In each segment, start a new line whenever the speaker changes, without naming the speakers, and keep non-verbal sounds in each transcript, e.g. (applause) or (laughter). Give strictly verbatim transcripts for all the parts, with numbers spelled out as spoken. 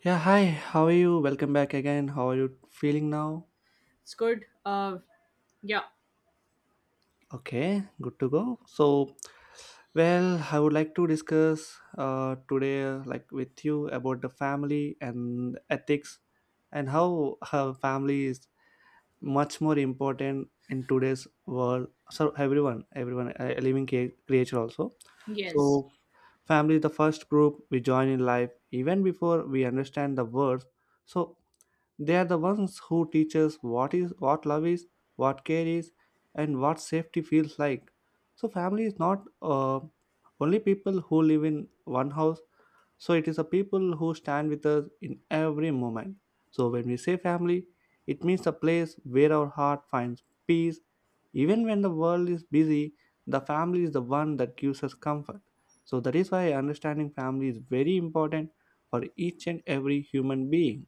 Yeah, hi, how are you? Welcome back again. How are you feeling now?
It's good. Uh, yeah,
Okay, good to go. So, well, I would like to discuss uh, today, uh, like with you, about the family and ethics and how her family is much more important in today's world. So, everyone, everyone, a a living crea- creature also.
yes,
So, Family is the first group we join in life, even before we understand the words. So they are the ones who teach us what is what love is, what care is, and what safety feels like. So family is not uh, only people who live in one house. So it is the people who stand with us in every moment. So when we say family, it means the place where our heart finds peace even when the world is busy, the family is the one that gives us comfort. So that is why understanding family is very important for each and every human being.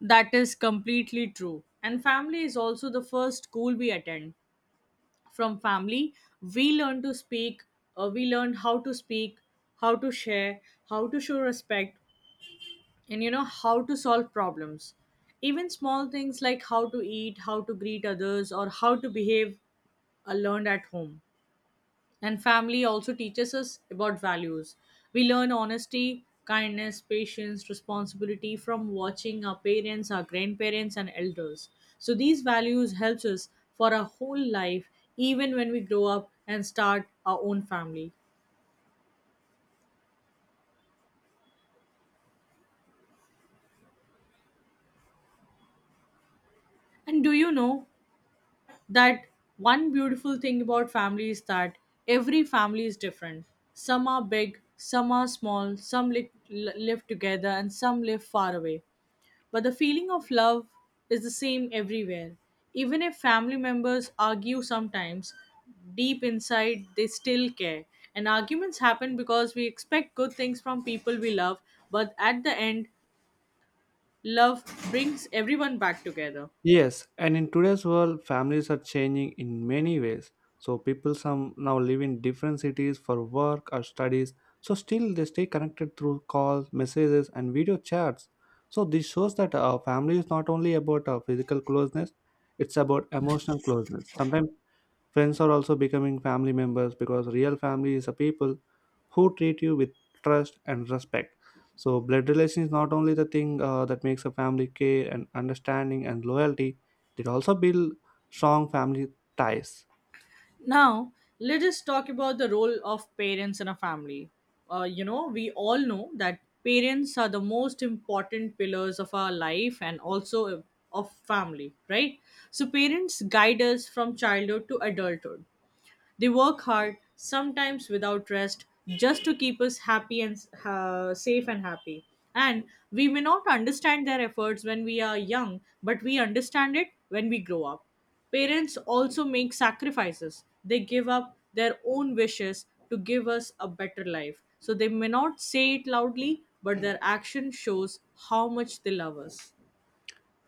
that is completely true. And family is also the first school we attend. From family, we learn to speak, uh, we learn how to speak, how to share, how to show respect, and you know, how to solve problems. Even small things like how to eat, how to greet others, or how to behave are learned at home. And family also teaches us about values. We learn honesty, kindness, patience, responsibility from watching our parents, our grandparents and elders. So these values helps us for our whole life even when we grow up and start our own family. And do you know that one beautiful thing about family is that every family is different. Some are big, some are small, some li- li- live together, and some live far away. But the feeling of love is the same everywhere. Even if family members argue sometimes, deep inside they still care. And arguments happen because we expect good things from people we love, but at the end, love brings everyone back together.
Yes, and in today's world, families are changing in many ways. So people some now live in different cities for work or studies. So still they stay connected through calls, messages, and video chats. So this shows that our family is not only about our physical closeness; it's about emotional closeness. Sometimes friends are also becoming family members because real family is a people who treat you with trust and respect. So, blood relation is not only the thing uh, that makes a family care, and understanding and loyalty, it also build strong family ties.
Now, let us talk about the role of parents in a family. Uh, you know, we all know that parents are the most important pillars of our life and also of family, right? So, parents guide us from childhood to adulthood. They work hard, sometimes without rest, just to keep us happy and uh, safe and happy. And we may not understand their efforts when we are young, but we understand it when we grow up. Parents also make sacrifices. They give up their own wishes to give us a better life. So they may not say it loudly, but their action shows how much they love us.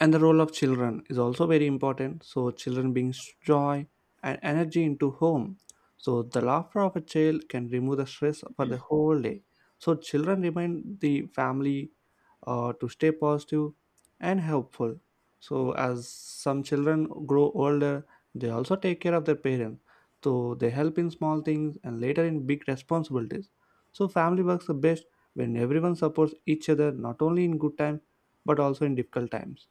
And the role of children is also very important. So children brings joy and energy into home. So the laughter of a child can remove the stress for the whole day. So children remind the family uh, to stay positive and helpful. So as some children grow older, they also take care of their parents. So they help in small things and later in big responsibilities. So family works the best when everyone supports each other, not only in good times but also in difficult times.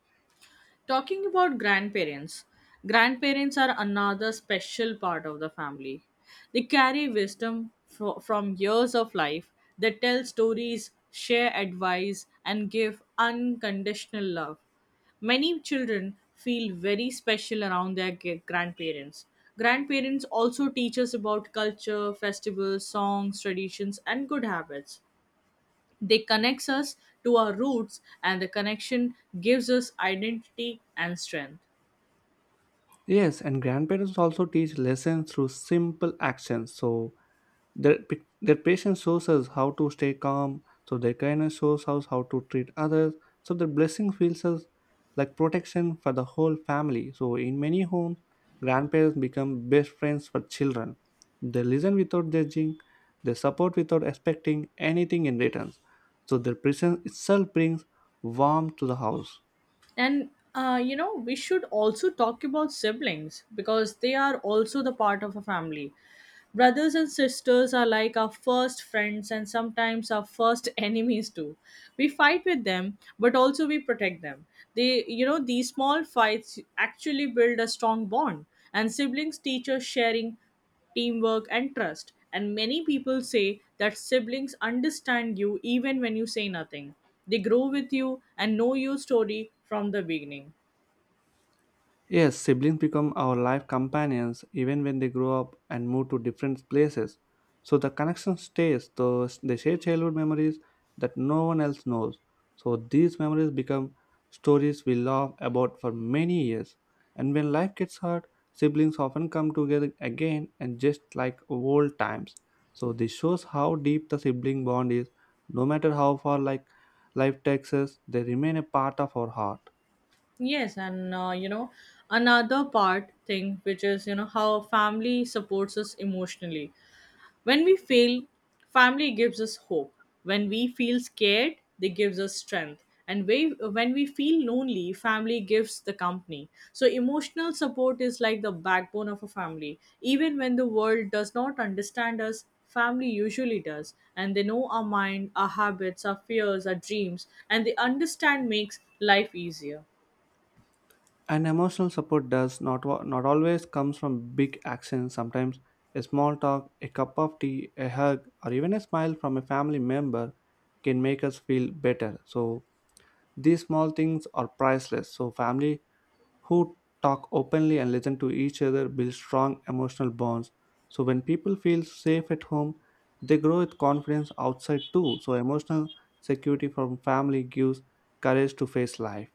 Talking about grandparents, grandparents are another special part of the family. They carry wisdom fro- from years of life, they tell stories, share advice, and give unconditional love. Many children feel very special around their g- grandparents. Grandparents also teach us about culture, festivals, songs, traditions, and good habits. They connects us to our roots, and the connection gives us identity and strength.
Yes, and grandparents also teach lessons through simple actions. So, their, pi- their patience shows us how to stay calm, so their kindness shows us how to treat others, so their blessing feels us like protection for the whole family. So, in many homes, grandparents become best friends for children. They listen without judging, they support without expecting anything in return. So, their presence itself brings warmth to the house.
And uh, you know, we should also talk about siblings because they are also the part of a family. Brothers and sisters are like our first friends and sometimes our first (laughs) enemies too. We fight with them, but also we protect them. They, you know, these small fights actually build a strong bond, and siblings teach us sharing teamwork, and trust. And many people say that siblings understand you even when you say nothing. They grow with you and know your story from the beginning.
Yes, siblings become our life companions even when they grow up and move to different places. So the connection stays, though they share childhood memories that no one else knows. So these memories become stories we laugh about for many years. And when life gets hard, siblings often come together again and just like old times. So this shows how deep the sibling bond is. No matter how far like life takes us, they remain a part of our heart.
Yes, and uh, you know, another part thing which is, you know, how family supports us emotionally. When we fail, family gives us hope. When we feel scared, they gives us strength. And we, when we feel lonely, family gives the company. So emotional support is like the backbone of a family. Even when the world does not understand us, family usually does and they know our mind our habits our fears our dreams and the understand makes life easier.
And emotional support does not wa- not always comes from big actions. Sometimes a small talk, a cup of tea, a hug, or even a smile from a family member can make us feel better. So these small things are priceless. So family who talk openly and listen to each other build strong emotional bonds. So when people feel safe at home, they grow with confidence outside too. So emotional security from family gives courage to face life.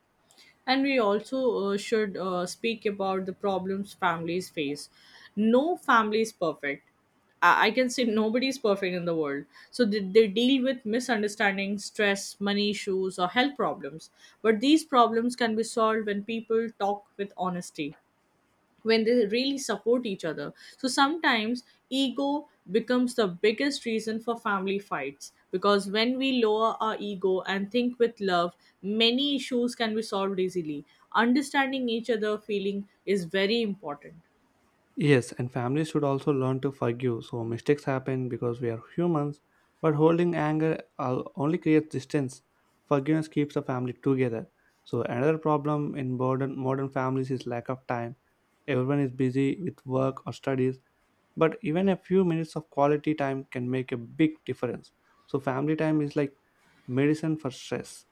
And we also uh, should uh, speak about the problems families face. No family is perfect. I I can say nobody is perfect in the world. So they, they deal with misunderstandings, stress, money issues, or health problems. But these problems can be solved when people talk with honesty when they really support each other. So sometimes ego becomes the biggest reason for family fights because when we lower our ego and think with love, many issues can be solved easily. Understanding each other feeling is very important.
Yes, and families should also learn to forgive. So mistakes happen because we are humans, but holding anger uh, only creates distance. Forgiveness keeps the family together. So another problem in modern modern families is lack of time. Everyone is busy with work or studies, but even a few minutes of quality time can make a big difference. So family time is like medicine for stress.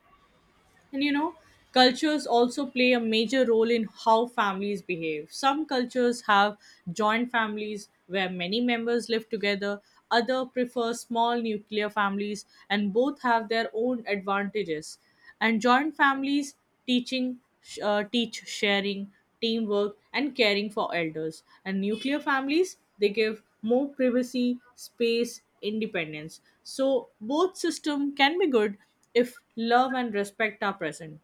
And you know, cultures also play a major role in how families behave. Some cultures have joint families where many members live together, other prefer small nuclear families, and both have their own advantages. And joint families teaching uh, teach sharing teamwork, and caring for elders. And nuclear families, they give more privacy, space, independence. So both system can be good if love and respect are present.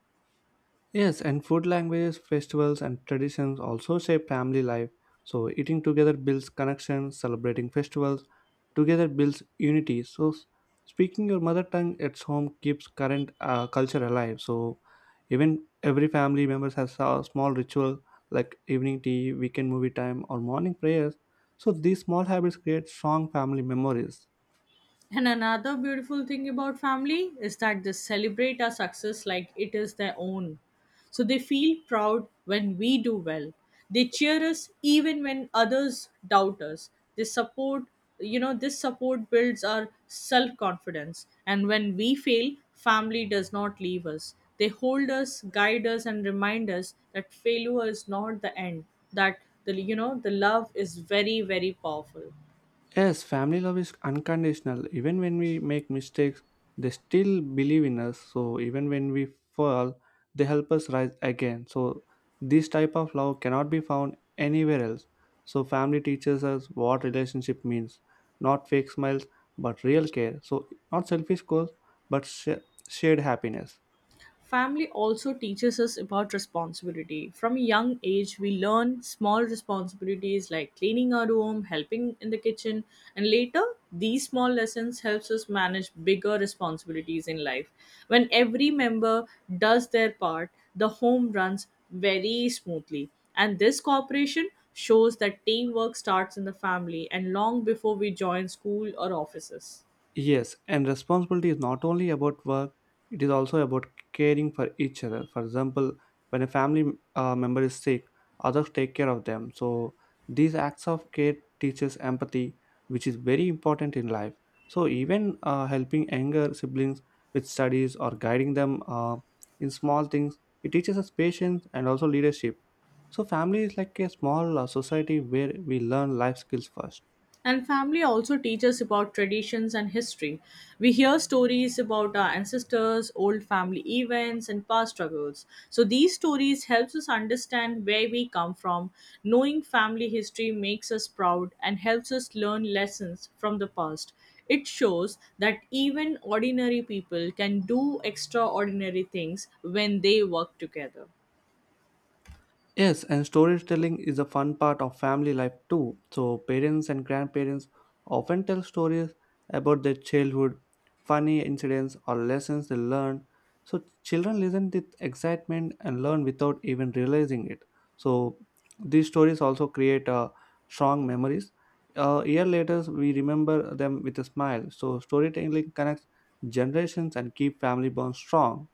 Yes, and food languages, festivals, and traditions also shape family life. So, eating together builds connection, celebrating festivals together builds unity. So, s- speaking your mother tongue at home keeps current uh, culture alive. So, even every family members has a small ritual like evening tea, weekend movie time, or morning prayers. So, these small habits create strong family memories.
And another beautiful thing about family is that they celebrate our success like it is their own. So they feel proud when we do well. They cheer us even when others doubt us. They support, you know, This support builds our self confidence. And when we fail, family does not leave us. They hold us, guide us, and remind us that failure is not the end, that the, you know, the love is very, very powerful.
Yes, family love is unconditional. Even when we make mistakes, they still believe in us. So even when we fall, they help us rise again. So this type of love cannot be found anywhere else. So family teaches us what relationship means, not fake smiles, but real care. So not selfish goals, but sh- shared happiness.
Family also teaches us about responsibility. From a young age, we learn small responsibilities like cleaning our room, helping in the kitchen, and later these small lessons helps us manage bigger responsibilities in life. When every member does their part, the home runs very smoothly. And this cooperation shows that teamwork starts in the family and long before we join school or offices.
Yes, and responsibility is not only about work, it is also about caring for each other. For example, when a family uh, member is sick, others take care of them. So these acts of care teaches empathy, which is very important in life. So even uh, helping younger siblings with studies or guiding them uh, in small things, it teaches us patience and also leadership. So family is like a small uh, society where we learn life skills first.
And family also teaches about traditions and history. We hear stories about our ancestors, old family events, and past struggles. So these stories helps us understand where we come from. Knowing family history makes us proud and helps us learn lessons from the past. It shows that even ordinary people can do extraordinary things when they work together.
Yes, and storytelling is a fun part of family life too. So, parents and grandparents often tell stories about their childhood, funny incidents, or lessons they learned. So, children listen with excitement and learn without even realizing it. So, these stories also create uh, strong memories. A year later, we remember them with a smile. So, storytelling connects generations and keep family bonds strong.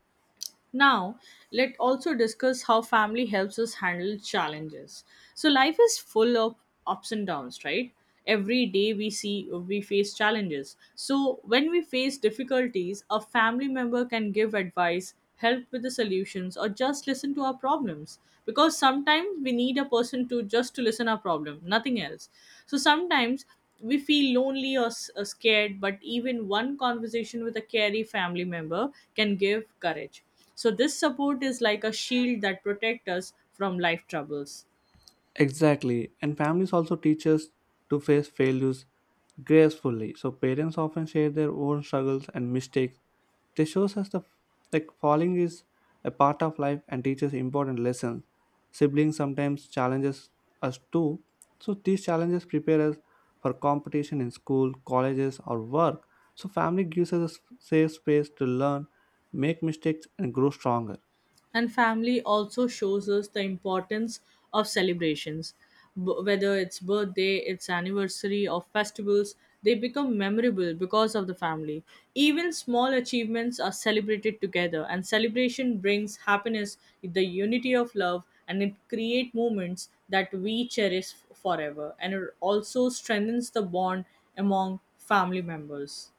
Now, let's also discuss how family helps us handle challenges. So, life is full of ups and downs, right? Every day we see we face challenges. So, when we face difficulties, a family member can give advice, help with the solutions, or just listen to our problems. Because sometimes we need a person to just to listen our problem, nothing else. So, sometimes we feel lonely or s- or scared, but even one conversation with a caring family member can give courage. So this support is like a shield that protects us from life troubles.
Exactly, and families also teach us to face failures gracefully. So parents often share their own struggles and mistakes. This shows us the like falling is a part of life and teaches important lessons. Siblings sometimes challenges us too. So these challenges prepare us for competition in school, colleges, or work. So family gives us a s- safe space to learn, make mistakes, and grow stronger.
And family also shows us the importance of celebrations. B- whether it's birthday, it's anniversary, or festivals, they become memorable because of the family. Even small achievements are celebrated together, and celebration brings happiness, the unity of love, and it create moments that we cherish forever. And it also strengthens the bond among family members.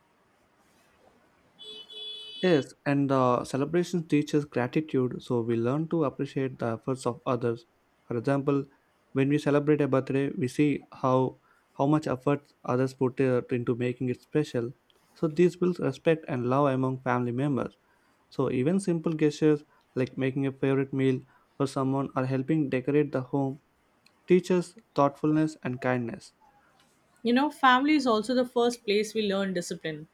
Yes, and the celebration teaches gratitude, so we learn to appreciate the efforts of others. For example, when we celebrate a birthday, we see how how much effort others put uh, into making it special. So this builds respect and love among family members. So even simple gestures like making a favorite meal for someone or helping decorate the home teaches thoughtfulness and kindness.
You know, family is also the first place we learn discipline.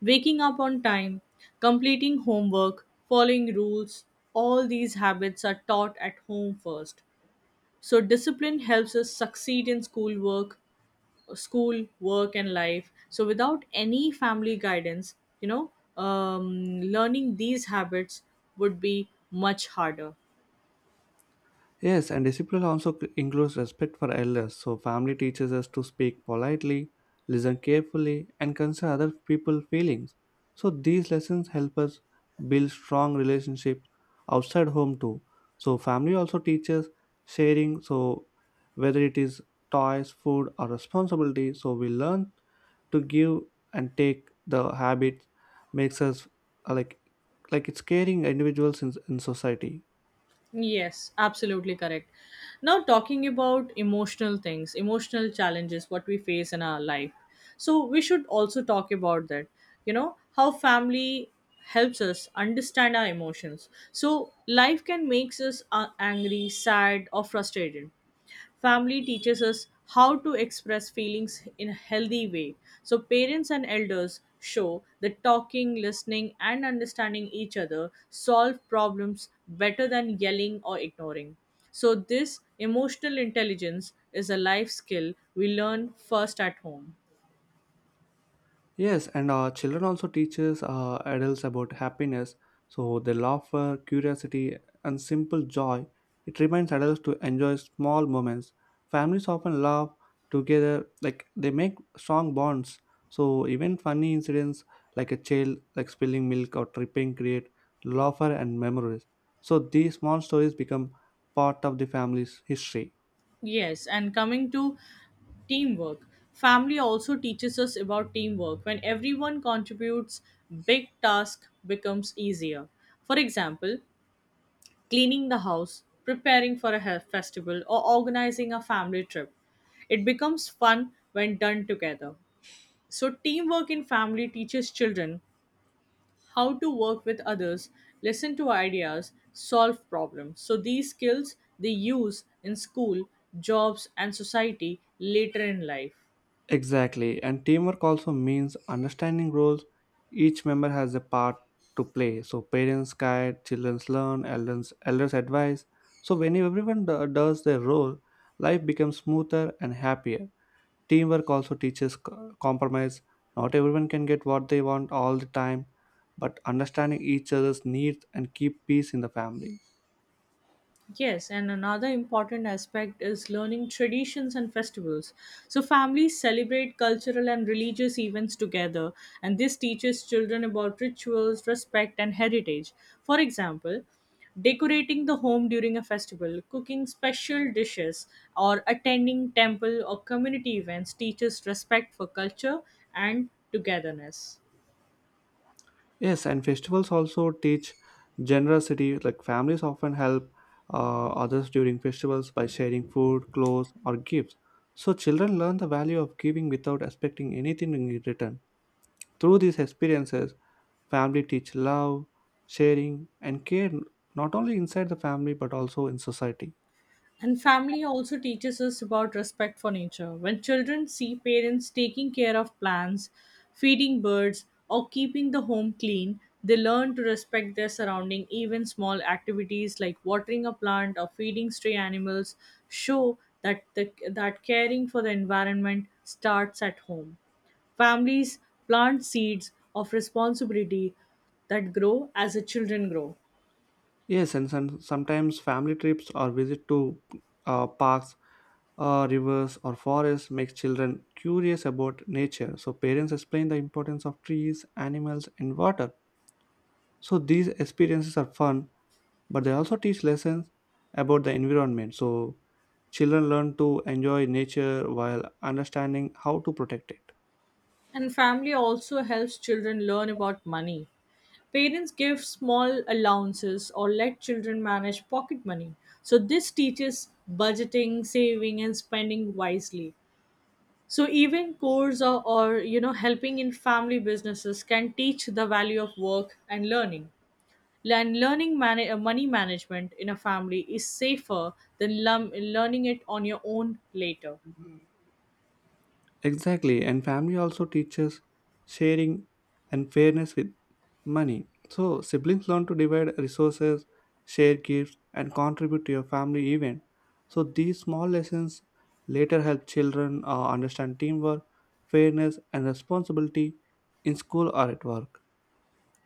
Waking up on time, completing homework, following rules, all these habits are taught at home first. So, discipline helps us succeed in school work, school, work, and life. So, without any family guidance, you know, um, learning these habits would be much harder.
Yes, and discipline also c- includes respect for elders. So, family teaches us to speak politely, listen carefully, and consider other people's feelings. So, these lessons help us build strong relationships outside home too. So, family also teaches sharing. So, whether it is toys, food, or responsibility, so we learn to give and take. The habit makes us uh, like like it's caring individuals in, in society.
Yes, absolutely correct. Now, talking about emotional things, emotional challenges, what we face in our life. So, we should also talk about that. You know, how family helps us understand our emotions. So, life can make us uh, angry, sad, or frustrated. Family teaches us how to express feelings in a healthy way. So, parents and elders show that talking, listening, and understanding each other solve problems better than yelling or ignoring. So, this emotional intelligence is a life skill we learn first at home.
Yes, and uh, children also teaches uh, adults about happiness. So their laughter, curiosity, and simple joy. It reminds adults to enjoy small moments. Families often laugh together, like they make strong bonds. So even funny incidents, like a child like spilling milk or tripping, create laughter and memories. So these small stories become part of the family's history.
Yes, and coming to teamwork. Family also teaches us about teamwork. When everyone contributes, big task becomes easier. For example, cleaning the house, preparing for a he- festival, or organizing a family trip. It becomes fun when done together. So, teamwork in family teaches children how to work with others, listen to ideas, solve problems. So, these skills they use in school, jobs, and society later in life.
Exactly, and teamwork also means understanding roles each member has a part to play. So parents guide, children learn, elders elders advise. So when everyone do- does their role, life becomes smoother and happier. Teamwork also teaches co- compromise. Not everyone can get what they want all the time, but understanding each other's needs and keep peace in the family.
Yes, and another important aspect is learning traditions and festivals. So, families celebrate cultural and religious events together, and this teaches children about rituals, respect, and heritage. For example, decorating the home during a festival, cooking special dishes, or attending temple or community events teaches respect for culture and togetherness.
Yes, and festivals also teach generosity. Like families often help uh, others during festivals by sharing food, clothes, or gifts. So children learn the value of giving without expecting anything in return. Through these experiences, family teach love, sharing, and care not only inside the family but also in society.
And family also teaches us about respect for nature. When children see parents taking care of plants, feeding birds, or keeping the home clean, they learn to respect their surrounding. Even small activities like watering a plant or feeding stray animals show that the, that caring for the environment starts at home. Families plant seeds of responsibility that grow as the children grow.
Yes, and some, sometimes family trips or visit to uh, parks uh, rivers or forests makes children curious about nature. So parents explain the importance of trees, animals and water. So these experiences are fun, but they also teach lessons about the environment. So children learn to enjoy nature while understanding how to protect it.
And family also helps children learn about money. Parents give small allowances or let children manage pocket money. So, this teaches budgeting, saving, and spending wisely. So, even course or, or you know, helping in family businesses can teach the value of work and learning. And learning mana- uh, money management in a family is safer than lum- learning it on your own later.
Exactly, and family also teaches sharing and fairness with money. So, siblings learn to divide resources, share gifts, and contribute to your family event. So, these small lessons later help children uh, understand teamwork, fairness, and responsibility in school or at work.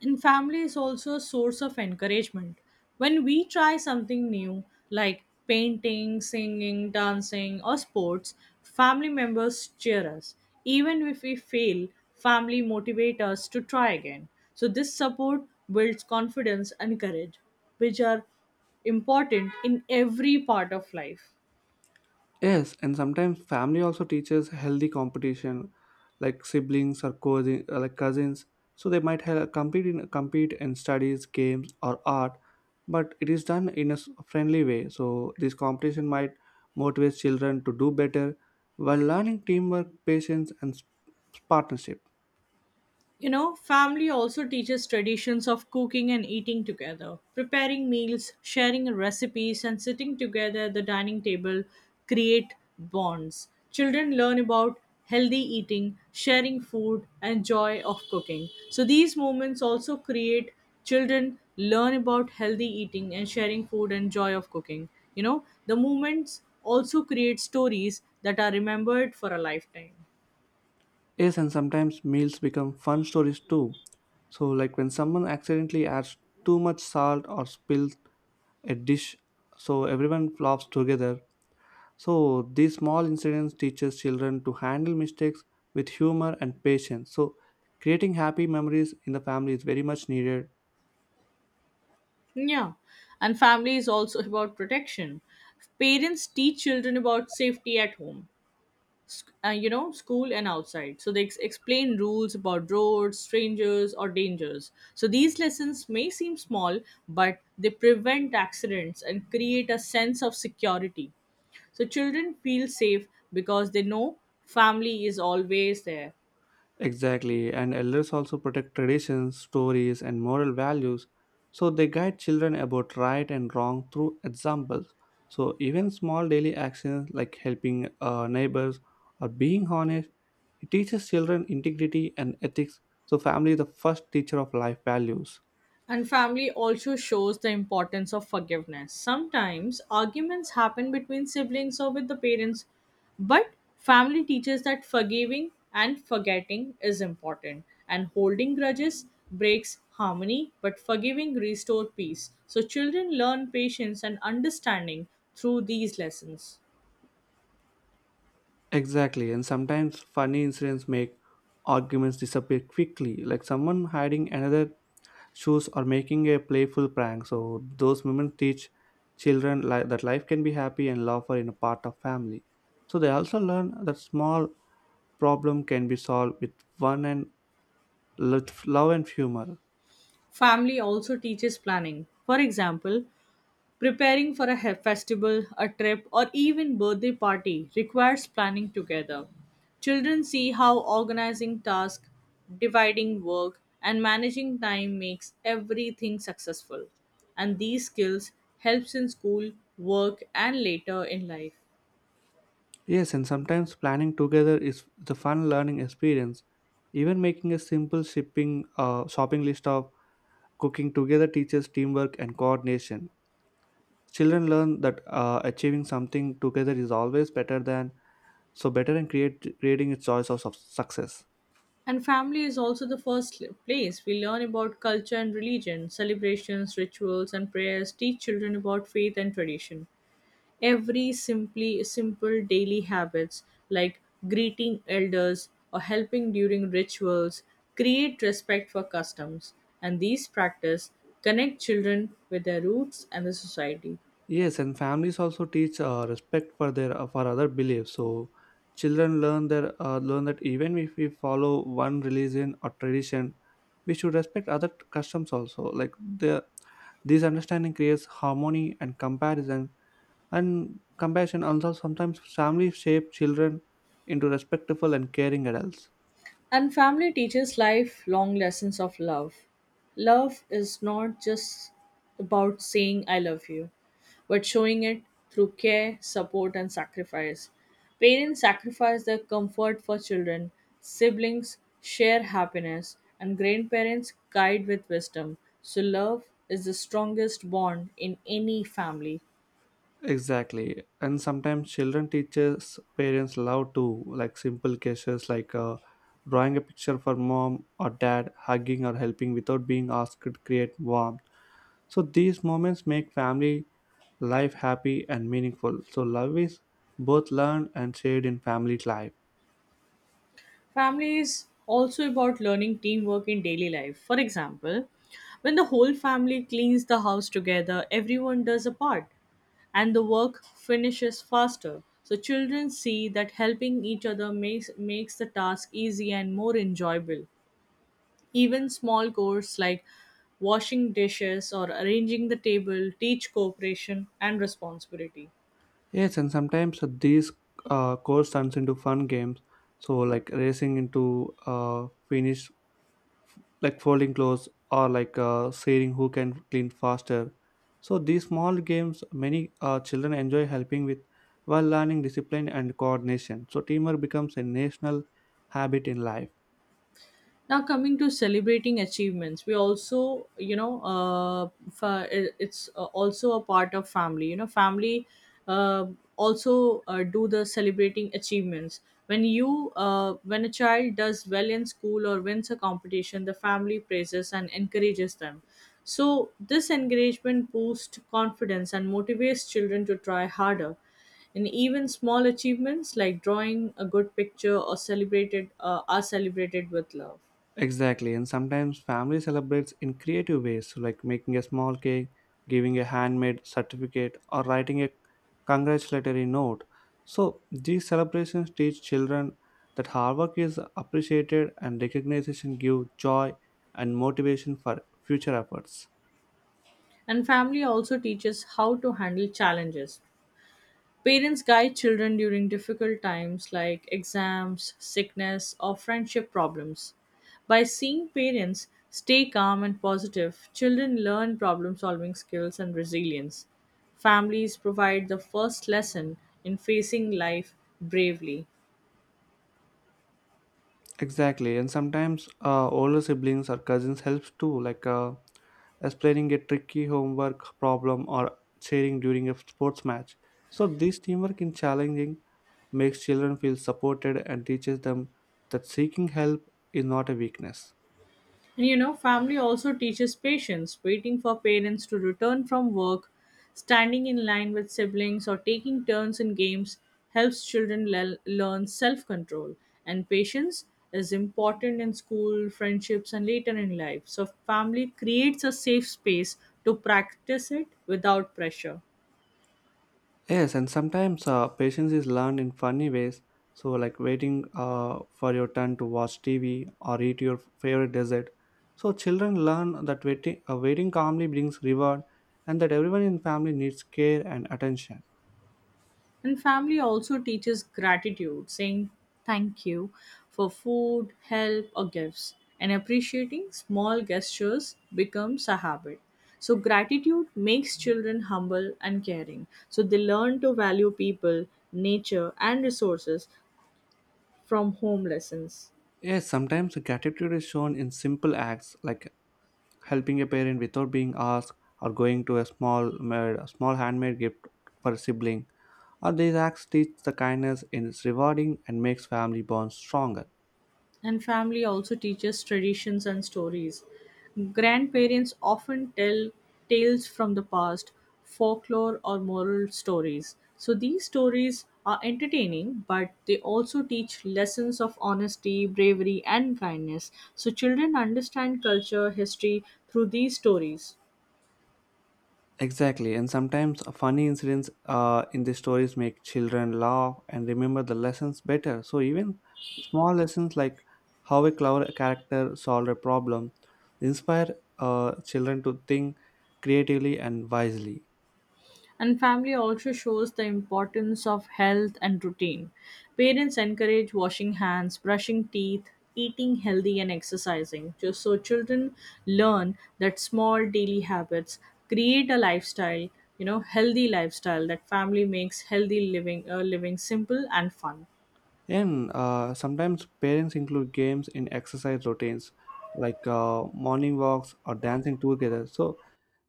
And family is also a source of encouragement. When we try something new, like painting, singing, dancing, or sports, family members cheer us. Even if we fail, family motivate us to try again. So this support builds confidence and courage, which are important in every part of life.
Yes, and sometimes family also teaches healthy competition, like siblings or cousin, uh, like cousins. So they might have compete in compete in studies, games, or art, but it is done in a s- friendly way. So this competition might motivate children to do better while learning teamwork, patience, and s- partnership.
You know, family also teaches traditions of cooking and eating together. Preparing meals, sharing recipes, and sitting together at the dining table create bonds. Children learn about healthy eating, sharing food, and joy of cooking. So, these moments also create children learn about healthy eating and sharing food and joy of cooking. You know, the moments also create stories that are remembered for a lifetime.
Yes, and sometimes meals become fun stories too. So like when someone accidentally adds too much salt or spills a dish, so everyone flops together, so these small incidents teaches children to handle mistakes with humor and patience, so creating happy memories in the family is very much needed.
Yeah. And family is also about protection. Parents teach children about safety at home, sc- uh, you know, school and outside. So they ex- explain rules about roads, strangers, or dangers. So these lessons may seem small, but they prevent accidents and create a sense of security. So children feel safe because they know family is always there.
Exactly, and elders also protect traditions, stories, and moral values, so they guide children about right and wrong through examples. So even small daily actions like helping uh, neighbors or being honest, it teaches children integrity and ethics, so family is the first teacher of life values.
And family also shows the importance of forgiveness. Sometimes arguments happen between siblings or with the parents, but family teaches that forgiving and forgetting is important. And holding grudges breaks harmony, but forgiving restores peace. So children learn patience and understanding through these lessons.
Exactly, and sometimes funny incidents make arguments disappear quickly, like someone hiding another shoes or making a playful prank. So those moments teach children li- that life can be happy and lawful in a part of family. So they also learn that small problem can be solved with fun and lo- love and humor.
Family also teaches planning. For example, preparing for a he- festival, a trip, or even birthday party requires planning together. Children see how organizing tasks, dividing work, and managing time makes everything successful. And these skills helps in school, work, and later in life.
Yes, and sometimes planning together is the fun learning experience. Even making a simple shipping uh, shopping list of cooking together teaches teamwork and coordination. Children learn that uh, achieving something together is always better than, so better, and create creating a choice of suc- success.
And family is also the first place we learn about culture and religion, celebrations, rituals, and prayers teach children about faith and tradition. Every simply simple daily habits like greeting elders or helping during rituals create respect for customs and these practices connect children with their roots and the society.
Yes, and families also teach uh, respect for their uh, for other beliefs. So children learn their uh, learn that even if we follow one religion or tradition, we should respect other t- customs also. Like the, this understanding creates harmony and comparison and compassion. Also, sometimes families shape children into respectful and caring adults.
And family teaches lifelong lessons of love. Love is not just about saying I love you, but showing it through care, support, and sacrifice. Parents sacrifice their comfort for children, siblings share happiness, and grandparents guide with wisdom. So, love is the strongest bond in any family.
Exactly. And sometimes children teachers parents love to like simple gestures like uh, drawing a picture for mom or dad, hugging or helping without being asked to create warmth. So these moments make family life happy and meaningful. So love is both learned and shared in family life.
Family is also about learning teamwork in daily life. For example, when the whole family cleans the house together, everyone does a part and the work finishes faster. So, children see that helping each other makes, makes the task easy and more enjoyable. Even small chores like washing dishes or arranging the table teach cooperation and responsibility.
Yes, and sometimes these uh, course turns into fun games. So like racing into uh, finish like folding clothes or like uh, sharing who can clean faster, so these small games many uh, children enjoy helping with while learning discipline and coordination, so teamwork becomes a national habit in life.
Now, coming to celebrating achievements, we also, you know, uh, fa- it- it's uh, also a part of family. You know, family uh, also uh, do the celebrating achievements. When you uh, when a child does well in school or wins a competition, the family praises and encourages them. So this encouragement boosts confidence and motivates children to try harder. And even small achievements like drawing a good picture or celebrated uh, are celebrated with love.
Exactly, and sometimes family celebrates in creative ways, like making a small cake, giving a handmade certificate, or writing a congratulatory note. So these celebrations teach children that hard work is appreciated and recognition gives joy and motivation for future efforts.
And family also teaches how to handle challenges. Parents guide children during difficult times like exams, sickness, or friendship problems. By seeing parents stay calm and positive, children learn problem solving skills and resilience. Families provide the first lesson in facing life bravely.
Exactly, and sometimes uh, older siblings or cousins helps too, like uh, explaining a tricky homework problem or cheering during a sports match. So this teamwork in challenging makes children feel supported and teaches them that seeking help is not a weakness.
And you know, family also teaches patience, waiting for parents to return from work, standing in line with siblings, or taking turns in games helps children le- learn self control. And patience is important in school, friendships, and later in life. So, family creates a safe space to practice it without pressure.
Yes, and sometimes uh, patience is learned in funny ways. So like waiting uh, for your turn to watch T V or eat your favorite dessert. So children learn that waiting, uh, waiting calmly brings reward and that everyone in family needs care and attention.
And family also teaches gratitude, saying thank you for food, help, or gifts. And appreciating small gestures becomes a habit. So, gratitude makes children humble and caring. So, they learn to value people, nature, and resources from home lessons.
Yes, sometimes gratitude is shown in simple acts like helping a parent without being asked or going to a small made, a small handmade gift for a sibling. Uh, these acts teach the kindness in its rewarding and makes family bonds stronger.
And family also teaches traditions and stories. Grandparents often tell tales from the past, folklore, or moral stories. So these stories are entertaining, but they also teach lessons of honesty, bravery, and kindness. So children understand culture, history through these stories.
Exactly, and sometimes funny incidents uh, in the stories make children laugh and remember the lessons better. So even small lessons like how a clever character solved a problem inspire uh, children to think creatively and wisely.
And family also shows the importance of health and routine. Parents encourage washing hands, brushing teeth, eating healthy, and exercising. Just so children learn that small daily habits create a lifestyle, you know, healthy lifestyle that family makes healthy living, uh, living simple and fun.
And uh, sometimes parents include games in exercise routines like uh, morning walks or dancing together. So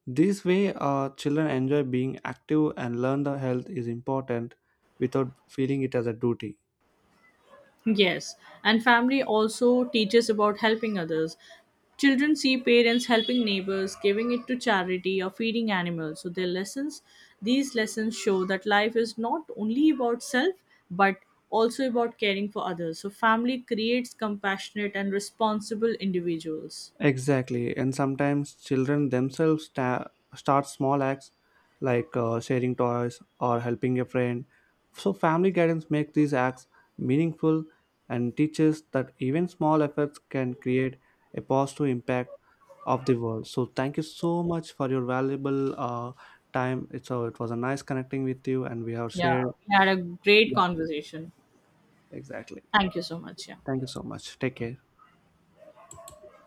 this way, uh, children enjoy being active and learn the health is important without feeling it as a duty.
Yes, and family also teaches about helping others. Children see parents helping neighbors, giving it to charity, or feeding animals. So their lessons, these lessons show that life is not only about self, but also about caring for others. So family creates compassionate and responsible individuals.
Exactly, and sometimes children themselves sta- start small acts like uh, sharing toys or helping a friend. So family guidance makes these acts meaningful and teaches that even small efforts can create a positive impact of the world. So thank you so much for your valuable uh, time. It's a, it was a nice connecting with you, and we have
Yeah,
shared.
we had a great conversation.
Exactly.
Thank you so much. Yeah.
Thank you so much. Take care.